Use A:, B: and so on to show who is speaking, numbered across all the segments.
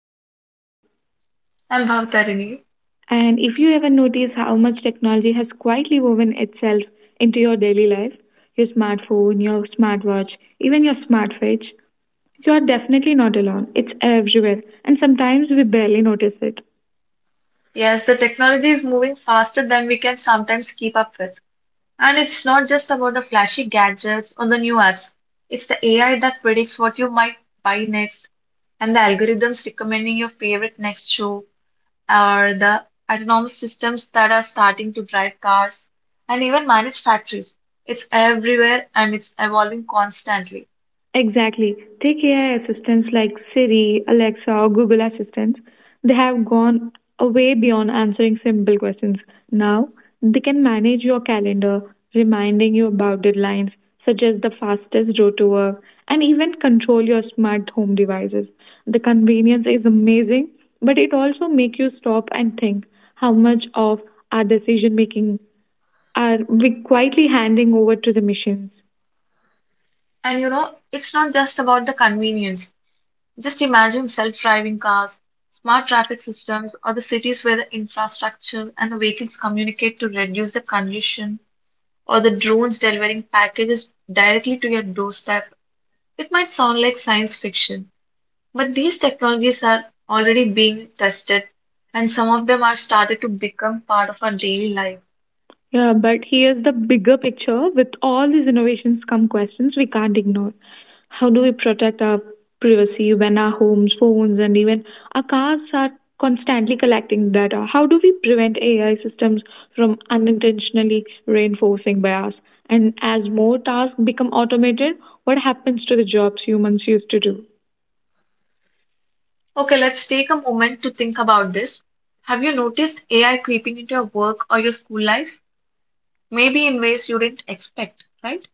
A: I am Deepika,
B: I'm Bhavtarini.
A: and if you ever notice how much technology has quietly woven itself into your daily life, your smartphone, your smartwatch, even your smartwatch, you are definitely not alone. It's everywhere and sometimes we barely notice it.
B: Yes, the technology is moving faster than we can sometimes keep up with. And it's not just about the flashy gadgets or the new apps. It's the AI that predicts what you might buy next, and the algorithms recommending your favorite next show, or the autonomous systems that are starting to drive cars and even manage factories. It's everywhere and it's evolving constantly.
A: Exactly. Take AI assistants like Siri, Alexa, or Google Assistants. They have gone way beyond answering simple questions. Now, they can manage your calendar, reminding you about deadlines, suggest the fastest route to work, and even control your smart home devices. The convenience is amazing, but it also makes you stop and think how much of our decision making are we quietly handing over to the machines.
B: And you know, it's not just about the convenience. Just imagine self-driving cars, smart traffic systems, or the cities where the infrastructure and the vehicles communicate to reduce the congestion, or the drones delivering packages directly to your doorstep. It might sound like science fiction, but these technologies are already being tested, and some of them are started to become part of our daily life.
A: Yeah, but here's the bigger picture. With all these innovations come questions we can't ignore. How do we protect our privacy when our homes, phones, and even our cars are constantly collecting data? How do we prevent AI systems from unintentionally reinforcing bias? And as more tasks become automated, what happens to the jobs humans used to do?
B: Okay, let's take a moment to think about this. Have you noticed AI creeping into your work or your school life? Maybe in ways you didn't expect, right?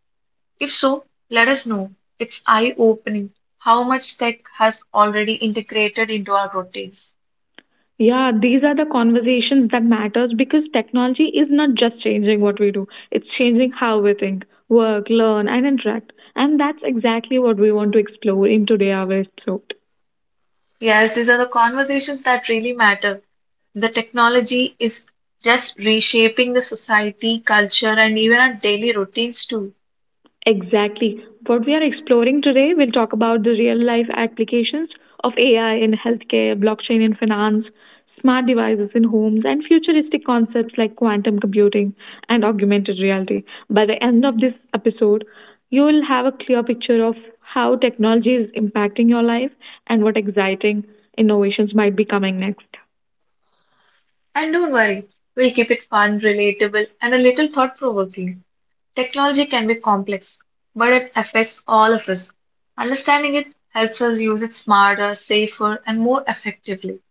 B: If so, let us know. It's eye-opening how much tech has already integrated into our routines.
A: Yeah, these are the conversations that matters because technology is not just changing what we do. It's changing how we think, work, learn and interact. And that's exactly what we want to explore in today our episode.
B: Yes, these are the conversations that really matter. The technology is just reshaping the society, culture, and even our daily routines too.
A: Exactly. What we are exploring today, we'll talk about the real life applications of AI in healthcare, blockchain in finance, smart devices in homes, and futuristic concepts like quantum computing and augmented reality. By the end of this episode, you will have a clear picture of how technology is impacting your life and what exciting innovations might be coming next.
B: And don't worry, we'll keep it fun, relatable, and a little thought-provoking. Technology can be complex, but it affects all of us. Understanding it helps us use it smarter, safer, and more effectively.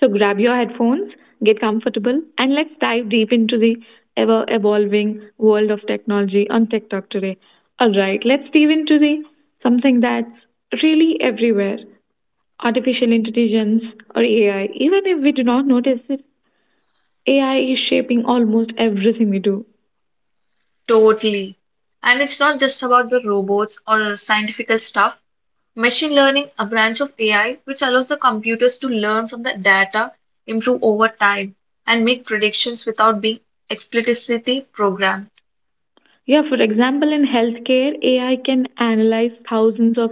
A: So grab your headphones, get comfortable, and let's dive deep into the ever evolving world of technology on TikTok today. All right, let's dive into the something that's really everywhere, artificial intelligence or AI. Even if we do not notice it, AI is shaping almost everything we do.
B: Totally. And it's not just about the robots or the scientific stuff. Machine learning, a branch of AI which allows the computers to learn from the data, improve over time, and make predictions without being explicitly programmed.
A: Yeah, for example, in healthcare, AI can analyze thousands of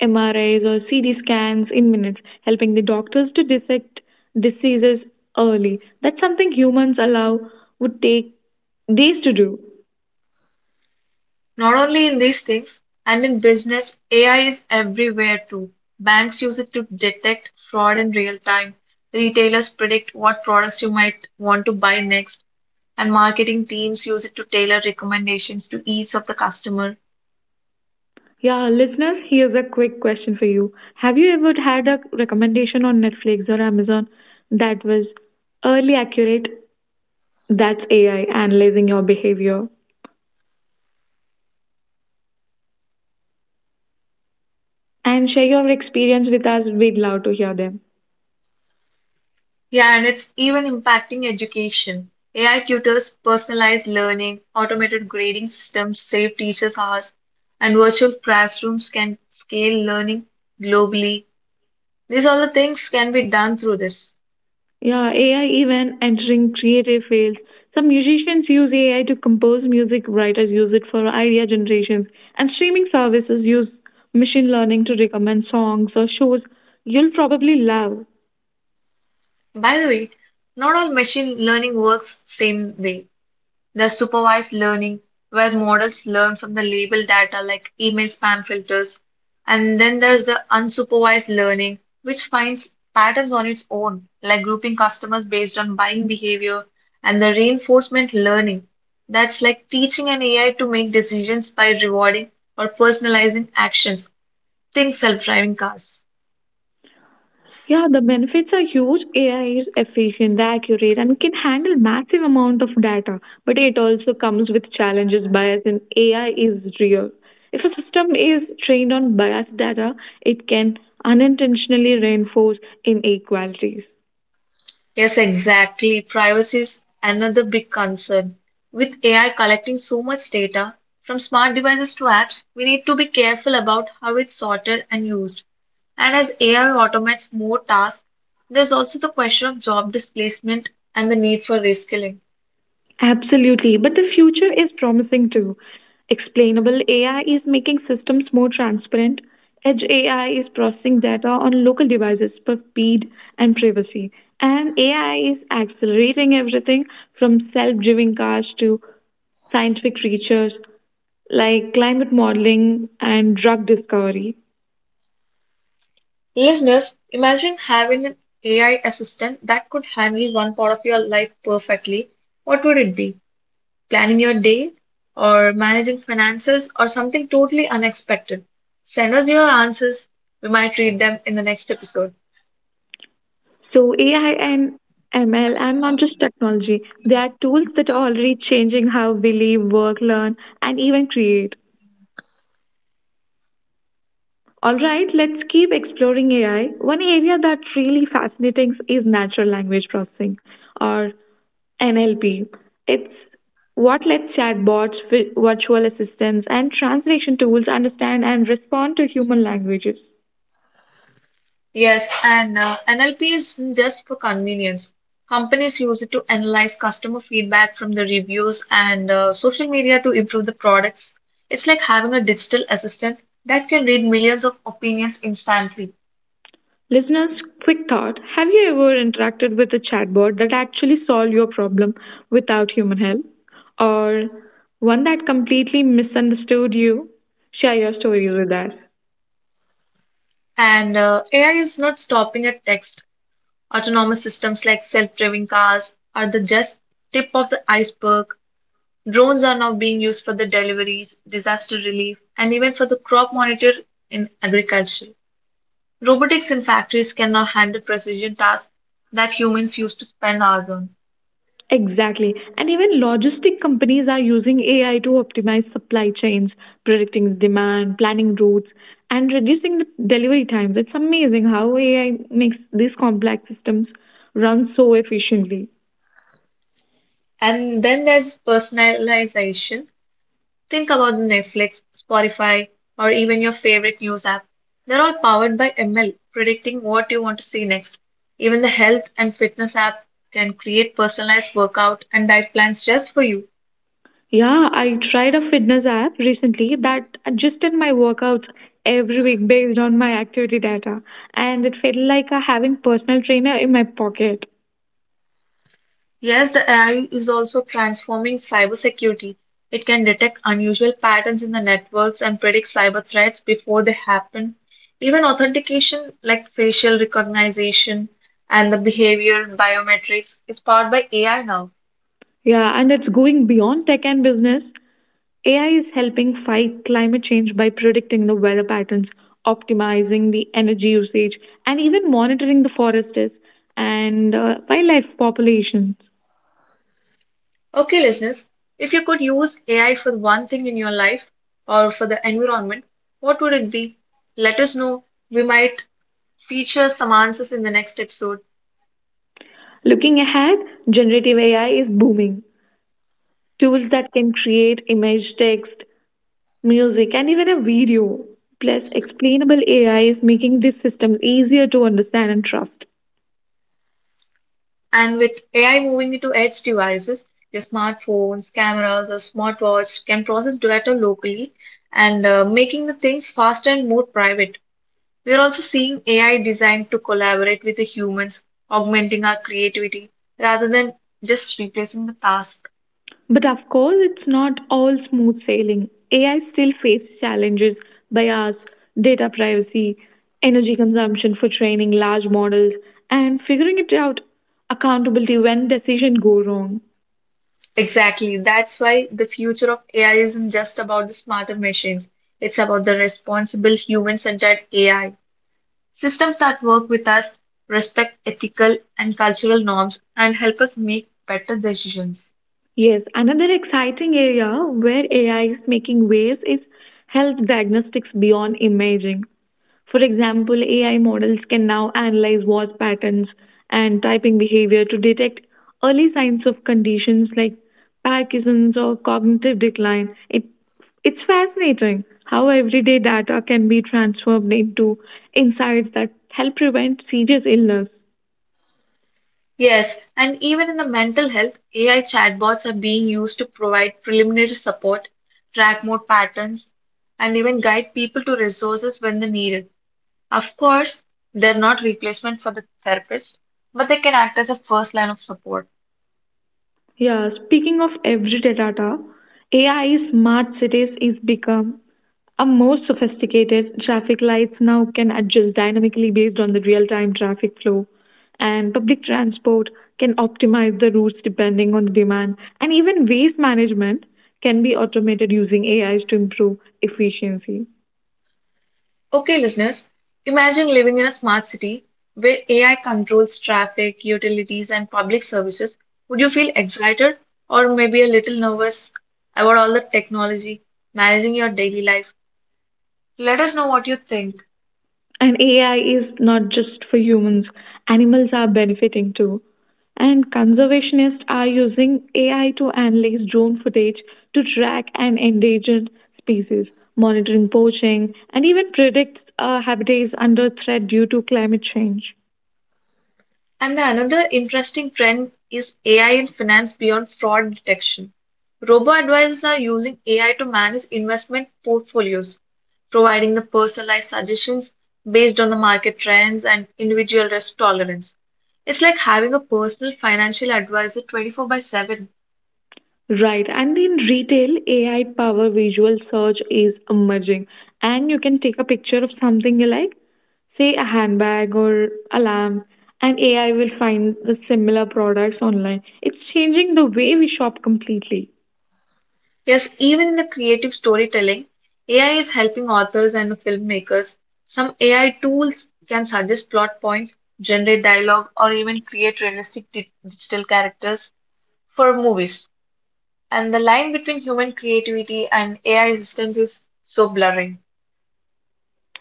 A: MRIs or CT scans in minutes, helping the doctors to detect diseases early. That's something humans allow would take days to do.
B: Not only in these things, and in business, AI is everywhere too. Banks use it to detect fraud in real time. Retailers predict what products you might want to buy next and marketing teams use it to tailor recommendations to each of the customer.
A: Yeah, listeners, here's a quick question for you. Have you ever had a recommendation on Netflix or Amazon that was early accurate? That's AI analyzing your behavior. And share your experience with us. We'd love to hear them.
B: Yeah, and it's even impacting education. AI tutors, personalized learning, automated grading systems save teachers hours, and virtual classrooms can scale learning globally. These all the things can be done through this.
A: Yeah, AI even entering creative fields. Some musicians use AI to compose music, writers use it for idea generations, and streaming services use machine learning to recommend songs or shows you'll probably love.
B: By the way, not all machine learning works same way. The supervised learning, where models learn from the labeled data like email spam filters. And then there's the unsupervised learning, which finds patterns on its own, like grouping customers based on buying behavior. And the reinforcement learning, that's like teaching an AI to make decisions by rewarding or personalizing actions, think self driving cars.
A: Yeah, the benefits are huge. AI is efficient, accurate, and can handle massive amount of data. But it also comes with challenges. Bias in AI is real. If a system is trained on biased data, it can unintentionally reinforce inequalities.
B: Yes, exactly. Privacy is another big concern. With AI collecting so much data, from smart devices to apps, we need to be careful about how it's sorted and used. And as AI automates more tasks, there's also the question of job displacement and the need for reskilling.
A: Absolutely, but the future is promising too. Explainable AI is making systems more transparent. Edge AI is processing data on local devices for speed and privacy. And AI is accelerating everything from self driving cars to scientific research like climate modeling and drug discovery.
B: Listeners, imagine having an AI assistant that could handle one part of your life perfectly. What would it be? Planning your day, or managing finances, or something totally unexpected. Send us your answers. We might read them in the next episode.
A: So, AI and ML are not just technology, they are tools that are already changing how we live, work, learn, and even create. All right, let's keep exploring AI. One area that really fascinates is natural language processing or NLP. It's what lets chatbots, virtual assistants, and translation tools understand and respond to human languages.
B: Yes, and NLP is just for convenience. Companies use it to analyze customer feedback from the reviews and social media to improve the products. It's like having a digital assistant that can read millions of opinions instantly.
A: Listeners, quick thought. Have you ever interacted with a chatbot that actually solved your problem without human help? Or one that completely misunderstood you? Share your stories with us.
B: And AI is not stopping at text. Autonomous systems like self driving cars are the just tip of the iceberg. Drones are now being used for the deliveries, disaster relief, and even for the crop monitor in agriculture. Robotics in factories can now handle precision tasks that humans used to spend hours on.
A: Exactly. And even logistic companies are using AI to optimize supply chains, predicting demand, planning routes, and reducing the delivery times. It's amazing how AI makes these complex systems run so efficiently.
B: And then there's personalization. Think about Netflix, Spotify, or even your favorite news app. They're all powered by ML, predicting what you want to see next. Even the health and fitness app can create personalized workout and diet plans just for you.
A: Yeah, I tried a fitness app recently that adjusted my workouts every week based on my activity data, and it felt like I having personal trainer in my pocket.
B: Yes, the AI is also transforming cybersecurity. It can detect unusual patterns in the networks and predict cyber threats before they happen. Even authentication like facial recognition and the behavior biometrics is powered by AI now.
A: Yeah, and it's going beyond tech and business. AI is helping fight climate change by predicting the weather patterns, optimizing the energy usage, and even monitoring the forests and wildlife populations.
B: Okay, listeners, if you could use AI for one thing in your life or for the environment, what would it be? Let us know. We might feature some answers in the next episode.
A: Looking ahead, generative AI is booming. Tools that can create image, text, music, and even a video. Plus, explainable AI is making these systems easier to understand and trust.
B: And with AI moving into edge devices, your smartphones, cameras, or smartwatch can process data locally and making the things faster and more private. We are also seeing AI designed to collaborate with the humans, augmenting our creativity rather than just replacing the task.
A: But of course, it's not all smooth sailing. AI still faces challenges, bias, data privacy, energy consumption for training large models, and figuring it out accountability when decisions go wrong.
B: Exactly. That's why the future of AI isn't just about the smarter machines. It's about the responsible human-centered AI. Systems that work with us, respect ethical and cultural norms, and help us make better decisions.
A: Yes, another exciting area where AI is making waves is health diagnostics beyond imaging. For example, AI models can now analyze voice patterns and typing behavior to detect early signs of conditions like Parkinson's or cognitive decline. It's fascinating how everyday data can be transformed into insights that help prevent serious illness.
B: Yes, and even in the mental health, AI chatbots are being used to provide preliminary support, track more patterns, and even guide people to resources when they need it. Of course, they're not replacement for the therapist, but they can act as a first line of support.
A: Yeah, speaking of everyday data, AI smart cities is become a more sophisticated traffic lights now can adjust dynamically based on the real-time traffic flow, and public transport can optimize the routes depending on the demand, and even waste management can be automated using AIs to improve efficiency.
B: Okay, listeners, imagine living in a smart city where AI controls traffic, utilities, and public services. Would you feel excited or maybe a little nervous about all the technology managing your daily life? Let us know what you think.
A: And AI is not just for humans, animals are benefiting too. And conservationists are using AI to analyze drone footage to track an endangered species, monitoring poaching, and even predict habitats under threat due to climate change.
B: And the another interesting trend is AI in finance beyond fraud detection. Robo advisors are using AI to manage investment portfolios, providing the personalized suggestions based on the market trends and individual risk tolerance. It's like having a personal financial advisor 24 by 7.
A: Right, and in retail, AI power visual search is emerging, and you can take a picture of something you like, say a handbag or a lamp, and AI will find the similar products online. It's changing the way we shop completely.
B: Yes, even in the creative storytelling, AI is helping authors and filmmakers. Some AI tools can suggest plot points, generate dialogue, or even create realistic digital characters for movies. And the line between human creativity and AI assistance is so blurring.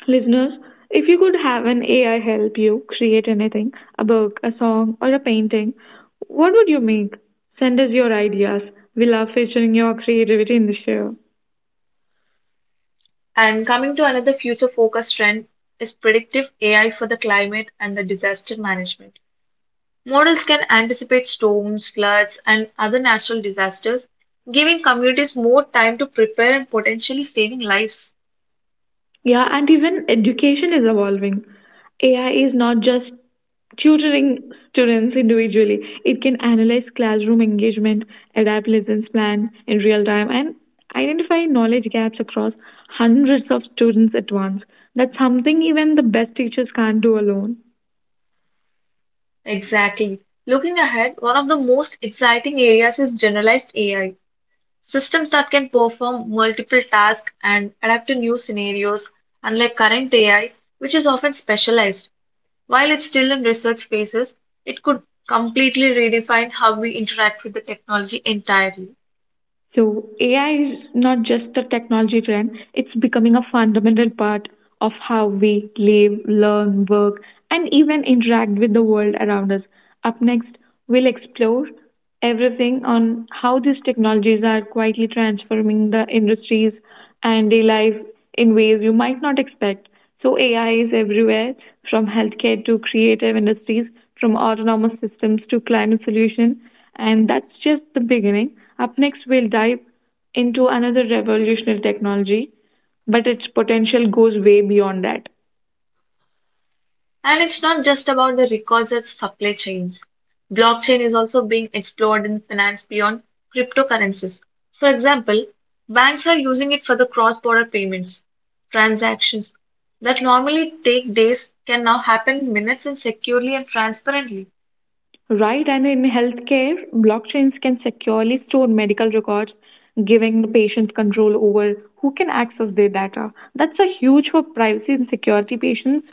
A: Listeners, if you could have an AI help you create anything, a book, a song, or a painting, what would you make? Send us your ideas. We love featuring your creativity in the show.
B: And coming to another future focused trend is predictive AI for the climate and the disaster management. Models can anticipate storms, floods, and other natural disasters, giving communities more time to prepare and potentially saving lives.
A: Yeah, and even education is evolving. AI is not just tutoring students individually, it can analyze classroom engagement, adapt lessons plan in real time, and identify knowledge gaps across hundreds of students at once. That's something even the best teachers can't do alone.
B: Exactly. Looking ahead, one of the most exciting areas is generalized AI, systems that can perform multiple tasks and adapt to new scenarios, unlike current AI, which is often specialized. While it's still in research phases, it could completely redefine how we interact with the technology entirely.
A: So AI is not just a technology trend, it's becoming a fundamental part of how we live, learn, work, and even interact with the world around us. Up next, we'll explore everything on how these technologies are quietly transforming the industries and day life in ways you might not expect. So AI is everywhere, from healthcare to creative industries, from autonomous systems to climate solution, and that's just the beginning. Up next, we'll dive into another revolutionary technology, but its potential goes way beyond that.
B: And it's not just about the records and supply chains. Blockchain is also being explored in finance beyond cryptocurrencies. For example, banks are using it for the cross-border payments. Transactions that normally take days can now happen in minutes and securely and transparently.
A: Right, and in healthcare, blockchains can securely store medical records, giving the patient control over who can access their data. That's a huge for privacy and security. Patients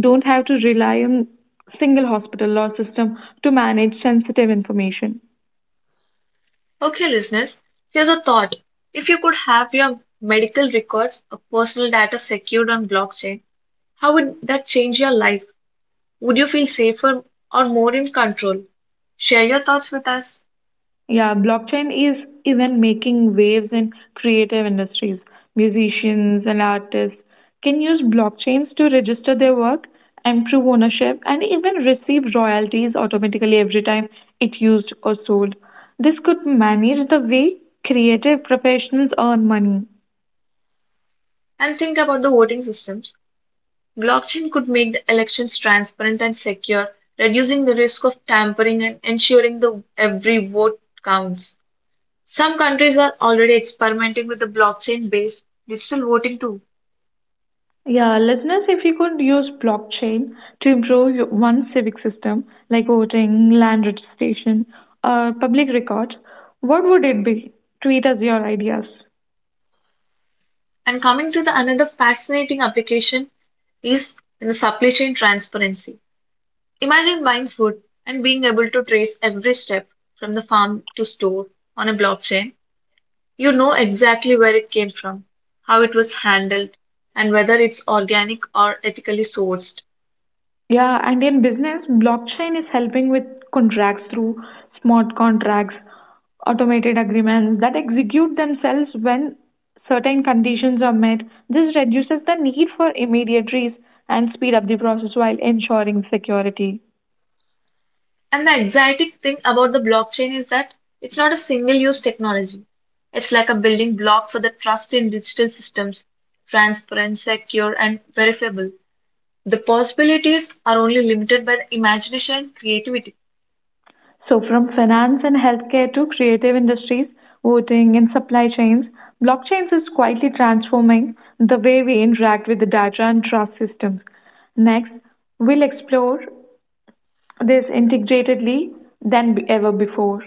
A: don't have to rely on single hospital or system to manage sensitive information.
B: Okay, listeners, here's a thought. If you could have your medical records or personal data secured on blockchain, how would that change your life? Would you feel safer or more in control? Share your thoughts with us,
A: Yeah, blockchain is even making waves in creative industries. Musicians and artists can use blockchains to register their work, improve ownership, and even receive royalties automatically every time it's used or sold. This could manage the way creative professionals earn money.
B: and think about the voting systems. Blockchain could make the elections transparent and secure, reducing the risk of tampering and ensuring that every vote counts. Some countries are already experimenting with the blockchain-based digital voting too.
A: Yeah, listeners, if you could use blockchain to improve your one civic system like voting, land registration, or public records, what would it be? Tweet us your ideas.
B: And coming to the another fascinating application is in the supply chain transparency. Imagine buying food and being able to trace every step from the farm to store on a blockchain. You know exactly where it came from, how it was handled, and whether it's organic or ethically sourced.
A: Yeah, and in business, blockchain is helping with contracts through smart contracts, automated agreements that execute themselves when certain conditions are met. This reduces the need for immediaries and speed up the process while ensuring security.
B: And the exciting thing about the blockchain is that it's not a single use technology. It's like a building block for the trust in digital systems, transparent, secure, and verifiable. The possibilities are only limited by the imagination and creativity.
A: So, from finance and healthcare to creative industries, voting, and supply chains, blockchains is quietly transforming the way we interact with the data and trust systems. Next, we'll explore this integratedly than ever before.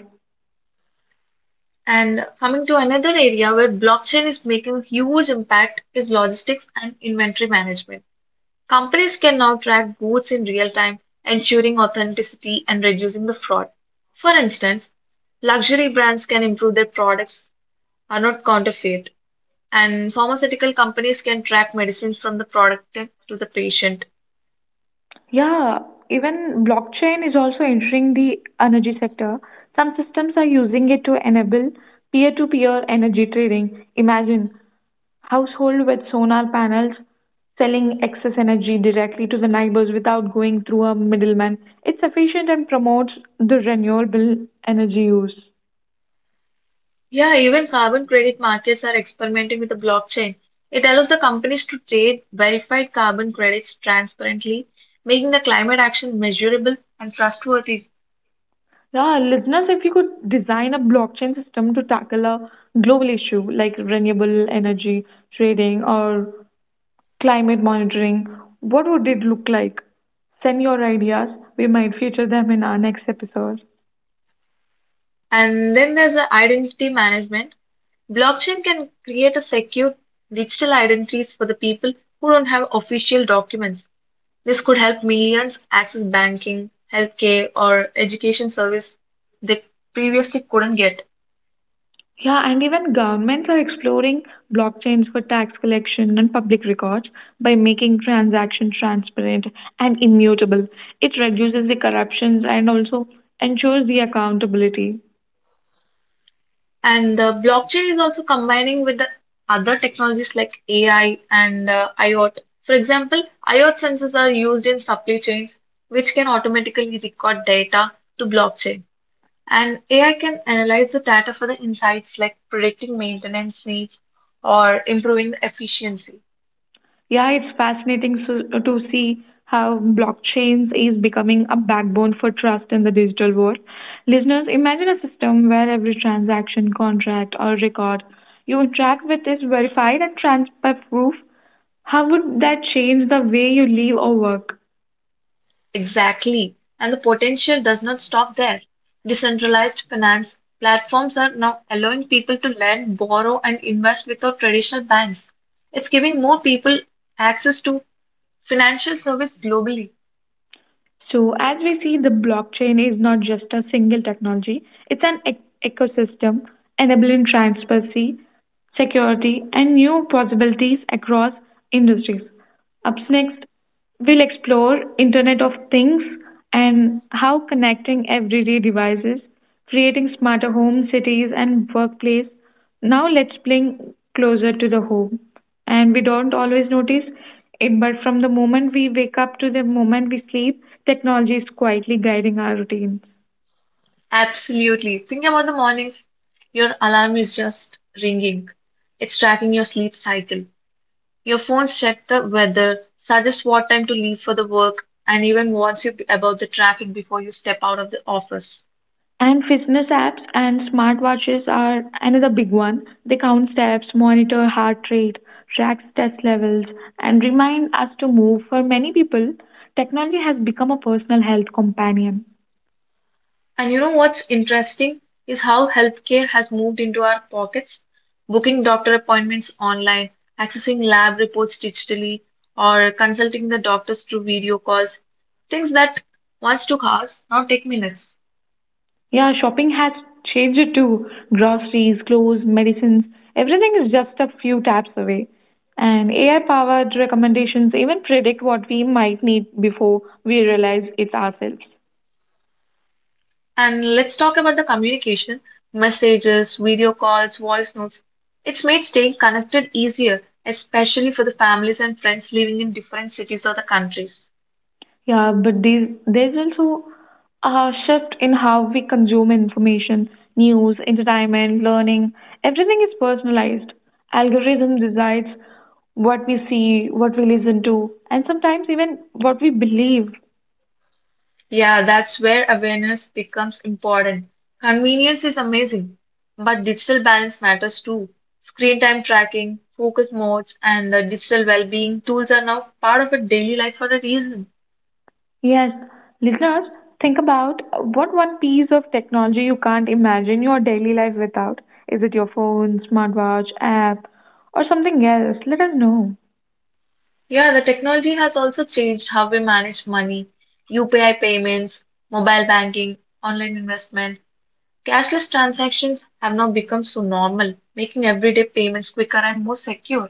B: And coming to another area where blockchain is making a huge impact is logistics and inventory management. Companies can now track goods in real time, ensuring authenticity and reducing the fraud. For instance, luxury brands can improve their products are not counterfeit, and pharmaceutical companies can track medicines from the product to the patient.
A: Yeah, even blockchain is also entering the energy sector. Some systems are using it to enable peer to peer energy trading. Imagine household with solar panels selling excess energy directly to the neighbors without going through a middleman. It's efficient and promotes the renewable energy use.
B: Yeah, even carbon credit markets are experimenting with the blockchain. It allows the companies to trade verified carbon credits transparently, making the climate action measurable and trustworthy.
A: Now, listeners, if you could design a blockchain system to tackle a global issue like renewable energy trading or climate monitoring, what would it look like? Send your ideas. We might feature them in our next episode.
B: And then there's the identity management. Blockchain can create a secure digital identities for the people who don't have official documents. This could help millions access banking, healthcare, or education service they previously couldn't get.
A: Yeah, and even governments are exploring blockchains for tax collection and public records by making transactions transparent and immutable. It reduces the corruptions and also ensures the accountability.
B: And the blockchain is also combining with the other technologies like AI and IoT. For example, IoT sensors are used in supply chains, which can automatically record data to blockchain. And AI can analyze the data for the insights like predicting maintenance needs or improving the efficiency.
A: Yeah, it's fascinating so, to see how blockchains is becoming a backbone for trust in the digital world. Listeners, imagine a system where every transaction, contract, or record you interact with is verified and transparent proof. How would that change the way you live or work?
B: Exactly. And the potential does not stop there. Decentralized finance platforms are now allowing people to lend, borrow, and invest without traditional banks. It's giving more people access to financial service globally.
A: So, as we see, the blockchain is not just a single technology, it's an ecosystem enabling transparency, security, and new possibilities across industries. Up next, we'll explore Internet of Things and how connecting everyday devices, creating smarter homes, cities, and workplace. Now let's bring closer to the home. And we don't always notice it, but from the moment we wake up to the moment we sleep, technology is quietly guiding our routine.
B: Absolutely. Think about the mornings. Your alarm is just ringing. It's tracking your sleep cycle. Your phones check the weather, suggest what time to leave for the work, and even warns you about the traffic before you step out of the office.
A: And fitness apps and smartwatches are another big one. They count steps, monitor heart rate, track stress levels, and remind us to move. For many people, technology has become a personal health companion.
B: And you know what's interesting is how healthcare has moved into our pockets. Booking doctor appointments online, accessing lab reports digitally, or consulting the doctors through video calls. Things that once took hours now take minutes.
A: Yeah, shopping has changed it too. Groceries, clothes, medicines, everything is just a few taps away. And AI powered recommendations even predict what we might need before we realize it ourselves.
B: And let's talk about the communication messages, video calls, voice notes. It's made staying connected easier, especially for the families and friends living in different cities or the countries.
A: Yeah, but there's also a shift in how we consume information, news, entertainment, learning. Everything is personalized. Algorithm decides what we see, what we listen to, and sometimes even what we believe.
B: Yeah, that's where awareness becomes important. Convenience is amazing, but digital balance matters too. Screen time tracking, focus modes, and the digital well-being tools are now part of our daily life for a reason.
A: Yes, listeners, think about what one piece of technology you can't imagine your daily life without. Is it your phone, smartwatch, app, or something else? Let us know.
B: Yeah, the technology has also changed how we manage money, UPI payments, mobile banking, online investment. Cashless transactions have now become so normal, making everyday payments quicker and more secure.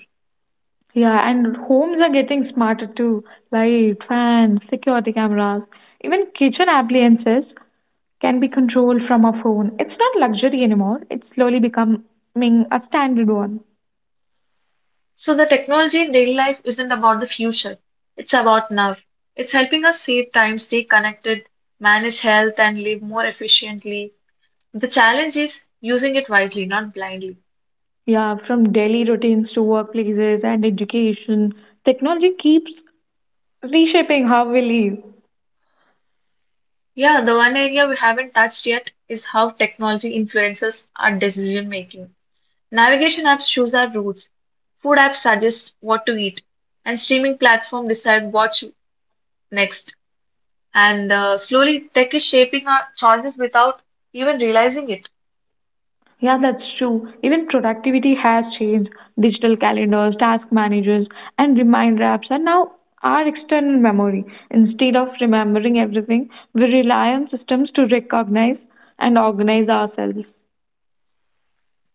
A: Yeah, and homes are getting smarter too. Light, fans, security cameras, even kitchen appliances can be controlled from a phone. It's not luxury anymore. It's slowly becoming a standard one.
B: So the technology in daily life isn't about the future. It's about now. It's helping us save time, stay connected, manage health and live more efficiently. The challenge is using it wisely, not blindly.
A: Yeah, from daily routines to workplaces and education, technology keeps reshaping how we live.
B: Yeah, the one area we haven't touched yet is how technology influences our decision making. Navigation apps choose our routes, food apps suggest what to eat, and streaming platforms decide what's next. And slowly, tech is shaping our choices without even realizing it.
A: Yeah, that's true. Even productivity has changed. Digital calendars, task managers, and reminder apps are now our external memory. Instead of remembering everything, we rely on systems to recognize and organize ourselves.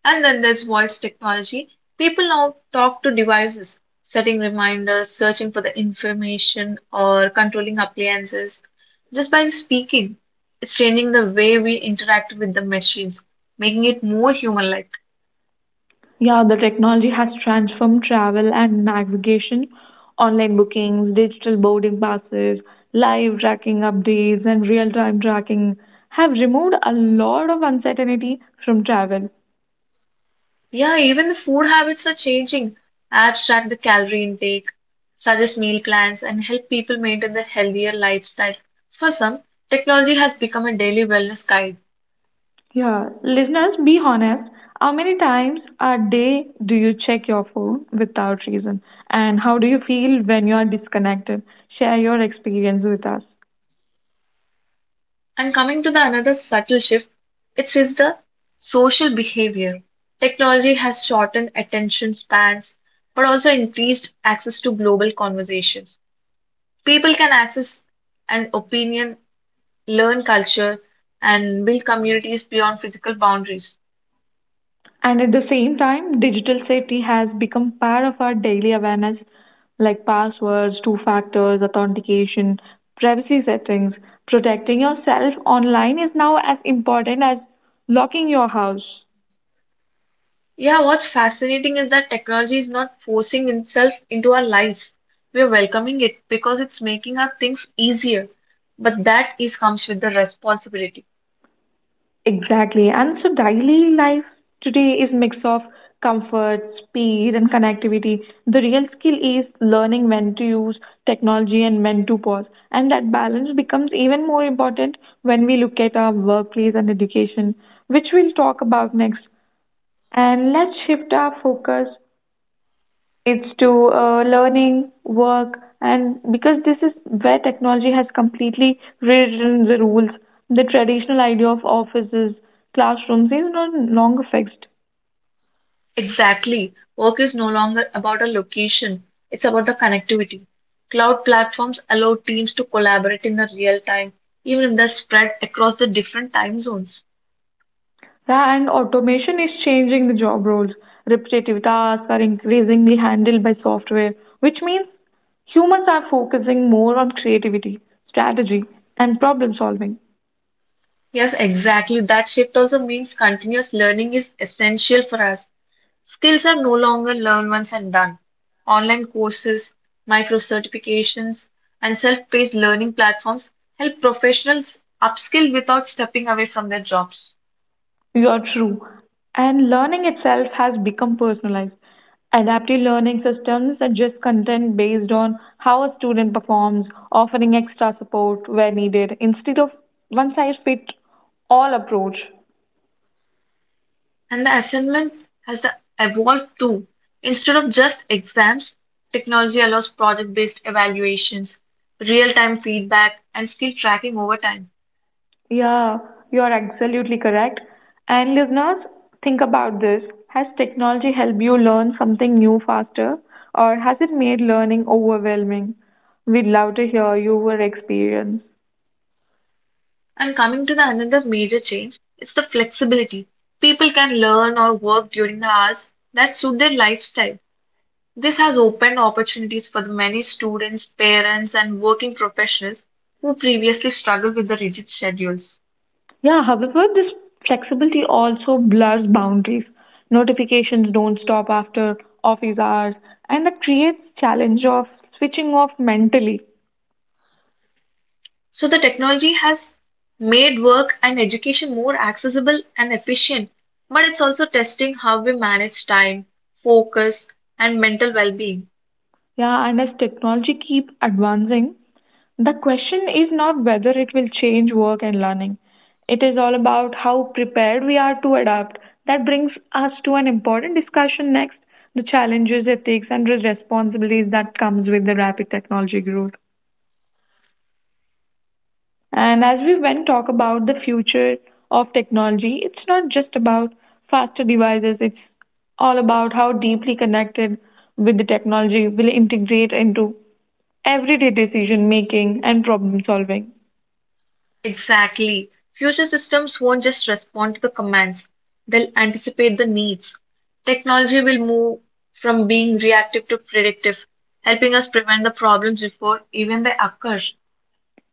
B: And then there's voice technology. People now talk to devices, setting reminders, searching for the information, or controlling appliances just by speaking. It's changing the way we interact with the machines, making it more human like.
A: Yeah, the technology has transformed travel and navigation, online bookings, digital boarding passes, live tracking updates, and real time tracking have removed a lot of uncertainty from travel.
B: Yeah, even the food habits are changing. Apps track the calorie intake, suggest meal plans, and help people maintain their healthier lifestyles. For some, technology has become a daily wellness guide.
A: Yeah, listeners, be honest. How many times a day do you check your phone without reason? And how do you feel when you are disconnected? Share your experience with us.
B: And coming to the another subtle shift, it is the social behavior. Technology has shortened attention spans, but also increased access to global conversations. People can access an opinion, learn culture, and build communities beyond physical boundaries.
A: And at the same time, digital safety has become part of our daily awareness, like passwords, two factors, authentication, privacy settings. Protecting yourself online is now as important as locking your house.
B: Yeah, what's fascinating is that technology is not forcing itself into our lives. We're welcoming it because it's making our things easier. But that is comes with the responsibility.
A: Exactly. And so daily life today is mix of comfort, speed and connectivity. The real skill is learning when to use technology and when to pause. And that balance becomes even more important when we look at our workplace and education, which we'll talk about next. And let's shift our focus it's to learning, work, and because this is where technology has completely rewritten the rules, the traditional idea of offices, classrooms is no longer fixed.
B: Exactly. Work is no longer about a location, it's about the connectivity. Cloud platforms allow teams to collaborate in the real time, even if they're spread across the different time zones.
A: Yeah, and automation is changing the job roles. Repetitive tasks are increasingly handled by software, which means humans are focusing more on creativity, strategy, and problem solving.
B: Yes, exactly. That shift also means continuous learning is essential for us. Skills are no longer learned once and done. Online courses, micro certifications, and self paced learning platforms help professionals upskill without stepping away from their jobs.
A: You're true. And learning itself has become personalized. Adaptive learning systems adjust content based on how a student performs, offering extra support where needed instead of one size fit all approach.
B: And the assignment has evolved too. Instead of just exams, technology allows project based evaluations, real time feedback, and skill tracking over time.
A: Yeah, you're absolutely correct. And listeners, think about this. Has technology helped you learn something new faster, or has it made learning overwhelming? We'd love to hear your experience.
B: And coming to the another major change, it's the flexibility. People can learn or work during the hours that suit their lifestyle. This has opened opportunities for the many students, parents, and working professionals who previously struggled with the rigid schedules.
A: Yeah, however, this flexibility also blurs boundaries. Notifications don't stop after office hours, and that creates challenge of switching off mentally.
B: So the technology has made work and education more accessible and efficient, but it's also testing how we manage time, focus, and mental well being.
A: Yeah, and as technology keep advancing, the question is not whether it will change work and learning. It is all about how prepared we are to adapt. That brings us to an important discussion next, the challenges, ethics, and responsibilities that comes with the rapid technology growth. And as we went talk about the future of technology, it's not just about faster devices, it's all about how deeply connected with the technology will integrate into everyday decision making and problem solving.
B: Exactly. Future systems won't just respond to the commands, they'll anticipate the needs. Technology will move from being reactive to predictive, helping us prevent the problems before even they occur.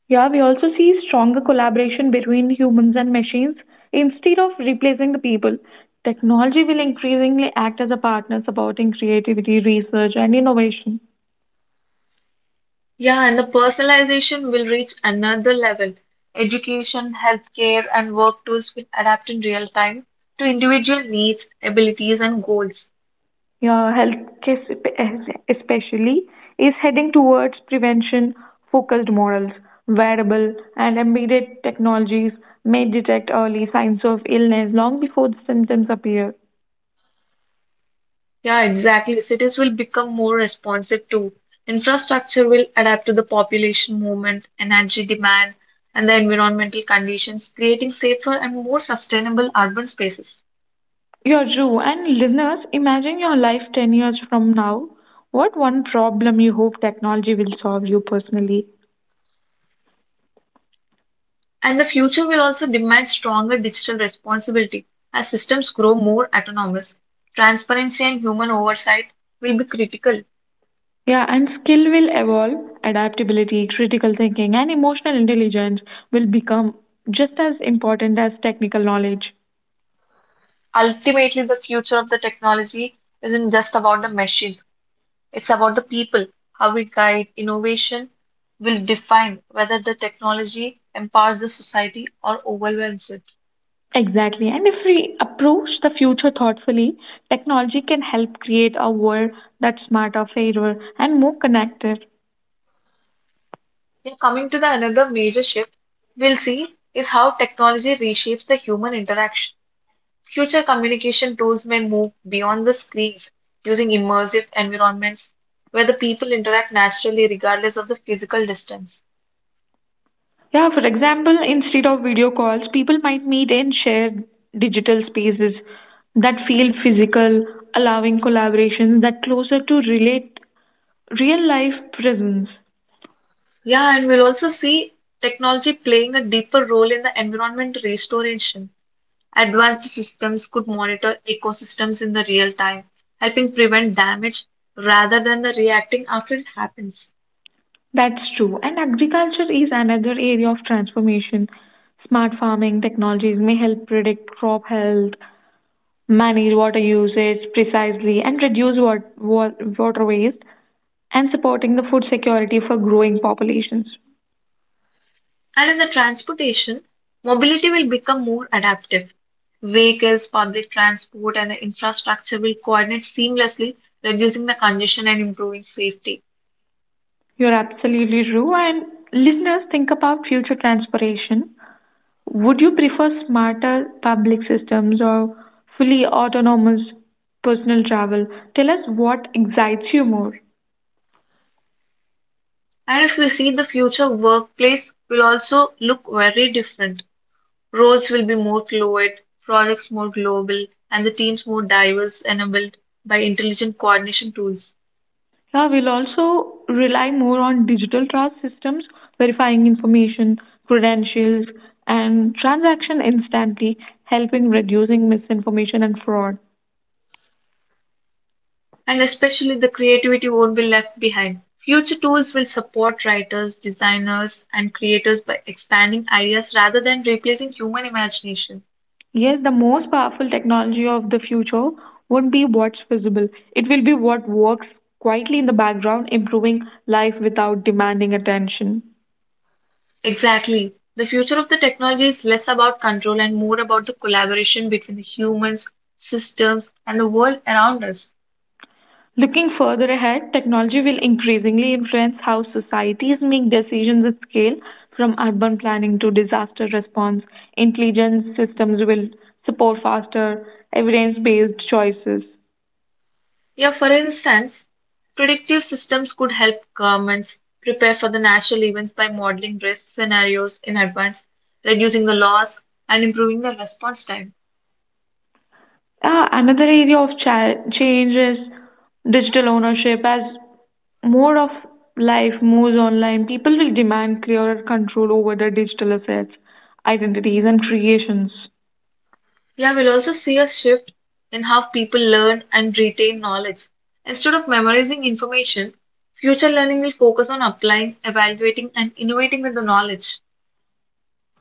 A: Yeah, we also see stronger collaboration between humans and machines. Instead of replacing the people, technology will increasingly act as a partner supporting creativity, research, and innovation.
B: Yeah, and the personalization will reach another level. Education, healthcare, and work tools will adapt in real time to individual needs, abilities, and goals.
A: Your especially is heading towards prevention focused models. Wearable and embedded technologies may detect early signs of illness long before the symptoms appear.
B: Yeah, exactly. Cities will become more responsive too. Infrastructure will adapt to the population movement, energy demand, and the environmental conditions, creating safer and more sustainable urban spaces.
A: Yeah, true. And listeners, imagine your life 10 years from now. What one problem you hope technology will solve you personally?
B: And the future will also demand stronger digital responsibility. As systems grow more autonomous, transparency and human oversight will be critical.
A: Yeah, and skill will evolve, adaptability, critical thinking, and emotional intelligence will become just as important as technical knowledge.
B: Ultimately, the future of the technology isn't just about the machines, it's about the people. How we guide innovation will define whether the technology empowers the society or overwhelms it.
A: Exactly. And if we approach the future thoughtfully, technology can help create a world that's smarter, fairer, and more connected.
B: Now, coming to the another major shift we'll see is how technology reshapes the human interaction. Future communication tools may move beyond the screens, using immersive environments where the people interact naturally regardless of the physical distance.
A: Yeah, for example, instead of video calls, people might meet and share digital spaces that feel physical, allowing collaborations that closer to relate real life presence.
B: Yeah, and we'll also see technology playing a deeper role in the environment restoration. Advanced systems could monitor ecosystems in the real time, helping prevent damage rather than the reacting after it happens.
A: That's true. And agriculture is another area of transformation. Smart farming technologies may help predict crop health, manage water usage precisely and reduce water waste and supporting the food security for growing populations.
B: And in the transportation, mobility will become more adaptive. Vehicles, public transport, and the infrastructure will coordinate seamlessly, reducing the congestion and improving safety.
A: You're absolutely true. And listeners, think about future transportation. Would you prefer smarter public systems or fully autonomous personal travel? Tell us what excites you more.
B: And if we see the future workplace will also look very different. Roles will be more fluid, projects more global, and the teams more diverse enabled by intelligent coordination tools.
A: Yeah, we'll also rely more on digital trust systems, verifying information, credentials, and transaction instantly, helping reducing misinformation and fraud.
B: And especially the creativity won't be left behind. Future tools will support writers, designers, and creators by expanding ideas rather than replacing human imagination.
A: Yes, the most powerful technology of the future won't be what's visible. It will be what works quietly in the background, improving life without demanding attention.
B: Exactly. The future of the technology is less about control and more about the collaboration between the humans, systems, and the world around us.
A: Looking further ahead, technology will increasingly influence how societies make decisions at scale, from urban planning to disaster response. Intelligence systems will support faster, evidence based choices.
B: Yeah, for instance, predictive systems could help governments prepare for the natural events by modeling risk scenarios in advance, reducing the loss, and improving the response time.
A: Another area of change is digital ownership. As more of life moves online, people will demand clearer control over their digital assets, identities, and creations.
B: Yeah, we'll also see a shift in how people learn and retain knowledge. Instead of memorizing information, future learning will focus on applying, evaluating, and innovating with the knowledge.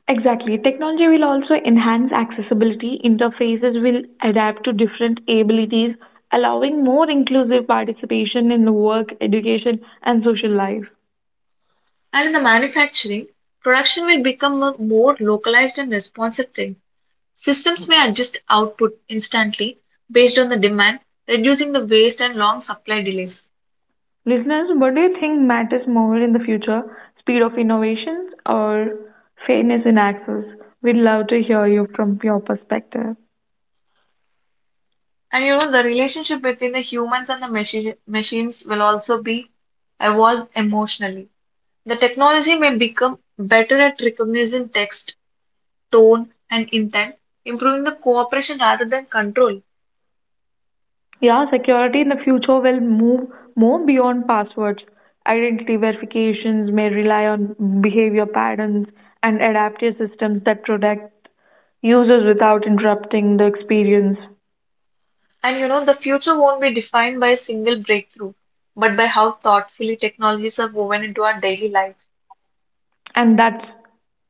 A: Exactly. Technology will also enhance accessibility. Interfaces will adapt to different abilities, allowing more inclusive participation in the work, education, and social life.
B: And in the manufacturing, production will become a more localized and responsive thing. Systems may adjust output instantly based on the demand, reducing the waste and long supply delays.
A: Listeners, what do you think matters more in the future? Speed of innovations or fairness in access? We'd love to hear you from your perspective.
B: And you know, the relationship between the humans and the machines will also be evolved emotionally. The technology may become better at recognizing text, tone, and intent, improving the cooperation rather than control.
A: Yeah, security in the future will move more beyond passwords. Identity verifications may rely on behavior patterns and adaptive systems that protect users without interrupting the experience.
B: And you know, the future won't be defined by a single breakthrough, but by how thoughtfully technologies are woven into our daily life.
A: And that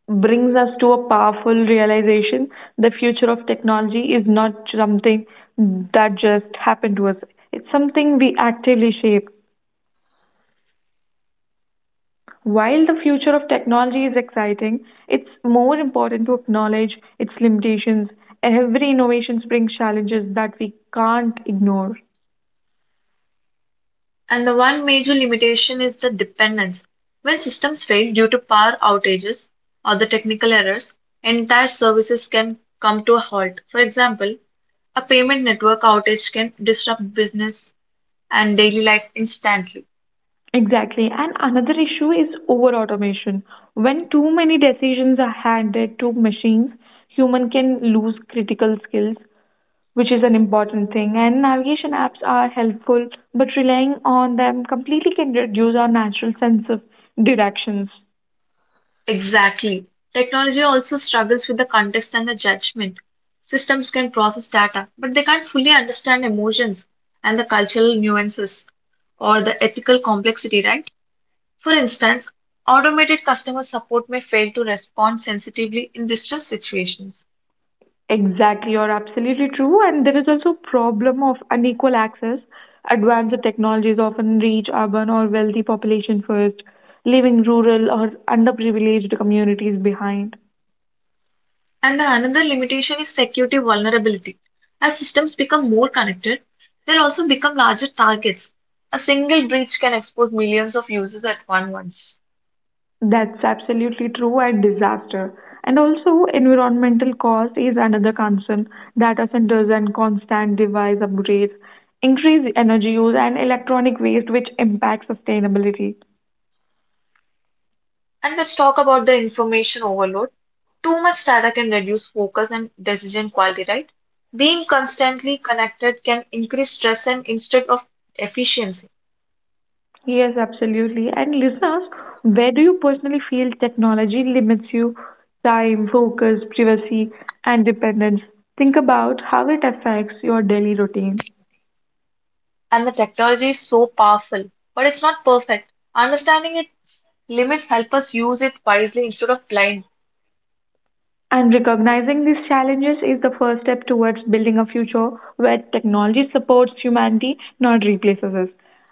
A: brings us to a powerful realization the future of technology is not something that just happened to us, it's something we actively shape. While the future of technology is exciting, it's more important to acknowledge its limitations. Every innovation brings challenges that we can't ignore.
B: And the one major limitation is the dependence. When systems fail due to power outages or the technical errors, entire services can come to a halt. For example, a payment network outage can disrupt business and daily life instantly.
A: Exactly. And another issue is over automation. When too many decisions are handed to machines, human can lose critical skills, which is an important thing. And navigation apps are helpful, but relying on them completely can reduce our natural sense of directions.
B: Exactly. Technology also struggles with the context and the judgment. Systems can process data, but they can't fully understand emotions and the cultural nuances or the ethical complexity, right? For instance, automated customer support may fail to respond sensitively in distress situations.
A: Exactly, you're absolutely true. And there is also a problem of unequal access. Advanced technologies often reach urban or wealthy population first, leaving rural or underprivileged communities behind.
B: And the another limitation is security vulnerability. As systems become more connected, they'll also become larger targets. A single breach can expose millions of users at one once.
A: That's absolutely true and disaster. And also, environmental cost is another concern. Data centers and constant device upgrades increase energy use and electronic waste, which impacts sustainability.
B: And let's talk about the information overload. Too much data can reduce focus and decision quality, right? Being constantly connected can increase stress and instead of efficiency.
A: Yes, absolutely. And listeners, where do you personally feel technology limits you time, focus, privacy, and dependence? Think about how it affects your daily routine.
B: And the technology is so powerful, but it's not perfect. Understanding its limits help us use it wisely instead of blind.
A: And recognizing these challenges is the first step towards building a future where technology supports humanity, not replaces us.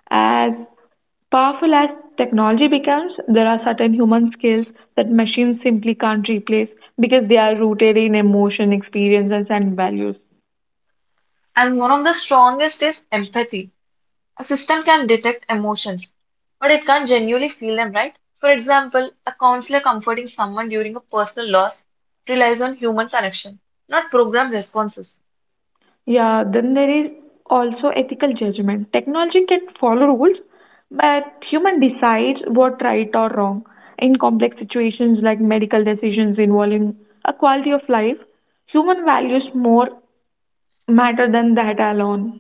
A: As powerful as technology becomes, there are certain human skills that machines simply can't replace because they are rooted in emotion, experiences, and values.
B: And one of the strongest is empathy. A system can detect emotions, but it can't genuinely feel them, right? For example, a counselor comforting someone during a personal loss relies on human connection, not programmed responses.
A: Yeah, then there is also ethical judgment. Technology can follow rules, but human decides what right or wrong. In complex situations like medical decisions involving a quality of life, human values more matter than that alone.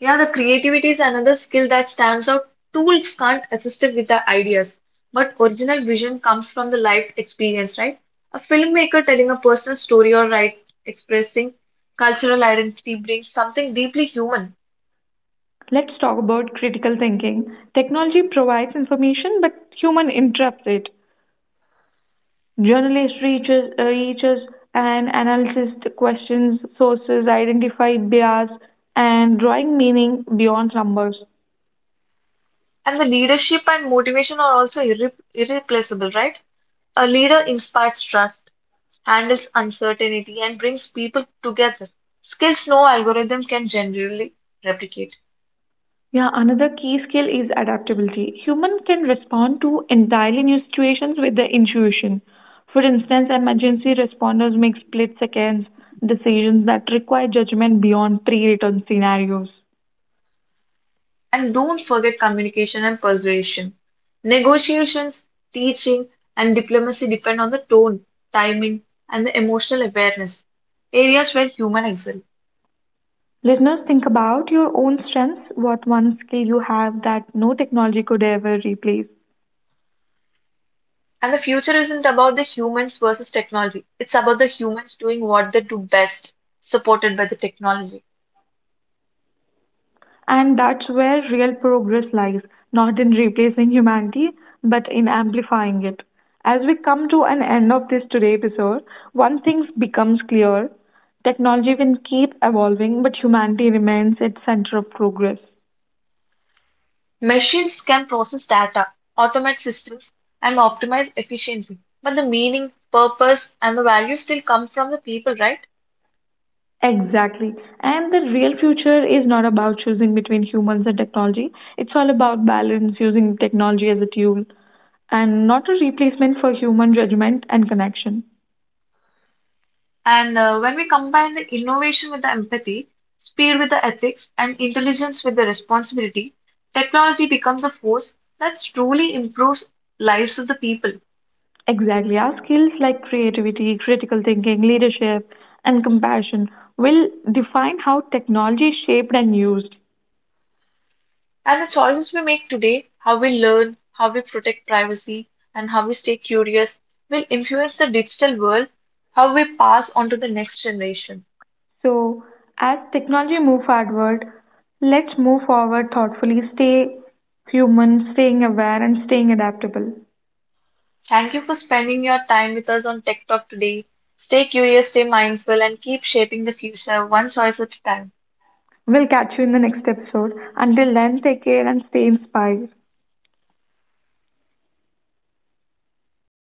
B: Yeah, the creativity is another skill that stands out. Tools can't assist it with the ideas, but original vision comes from the life experience, right? A filmmaker telling a personal story or right expressing cultural identity brings something deeply human.
A: Let's talk about critical thinking. Technology provides information, but human interprets it. Journalist reaches and analyzes the questions, sources, identify bias, and drawing meaning beyond numbers.
B: And the leadership and motivation are also irreplaceable, right? A leader inspires trust, handles uncertainty, and brings people together. Skills no algorithm can generally replicate.
A: Yeah, another key skill is adaptability. Human can respond to entirely new situations with their intuition. For instance, emergency responders make split seconds decisions that require judgment beyond pre-written scenarios.
B: And don't forget communication and persuasion. Negotiations, teaching, and diplomacy depend on the tone, timing, and the emotional awareness, areas where humans excel.
A: Listeners, think about your own strengths, what one skill you have that no technology could ever replace.
B: And the future isn't about the humans versus technology, it's about the humans doing what they do best, supported by the technology.
A: And that's where real progress lies, not in replacing humanity, but in amplifying it. As we come to an end of this today episode, one thing becomes clear. Technology will keep evolving, but humanity remains its center of progress.
B: Machines can process data, automate systems, and optimize efficiency. But the meaning, purpose, and the value still come from the people, right?
A: Exactly. And the real future is not about choosing between humans and technology. It's all about balance, using technology as a tool and not a replacement for human judgment and connection.
B: And when we combine the innovation with the empathy, speed with the ethics, and intelligence with the responsibility, technology becomes a force that truly improves lives of the people.
A: Exactly. Our skills like creativity, critical thinking, leadership, and compassion will define how technology is shaped and used.
B: And the choices we make today, how we learn, how we protect privacy, and how we stay curious, will influence the digital world, how we pass on to the next generation.
A: So, as technology move forward, let's move forward thoughtfully, stay human, staying aware, and staying adaptable.
B: Thank you for spending your time with us on Tech Talk today. Stay curious, stay mindful, and keep shaping the future one choice at a time.
A: We'll catch you in the next episode. Until then, take care and stay inspired.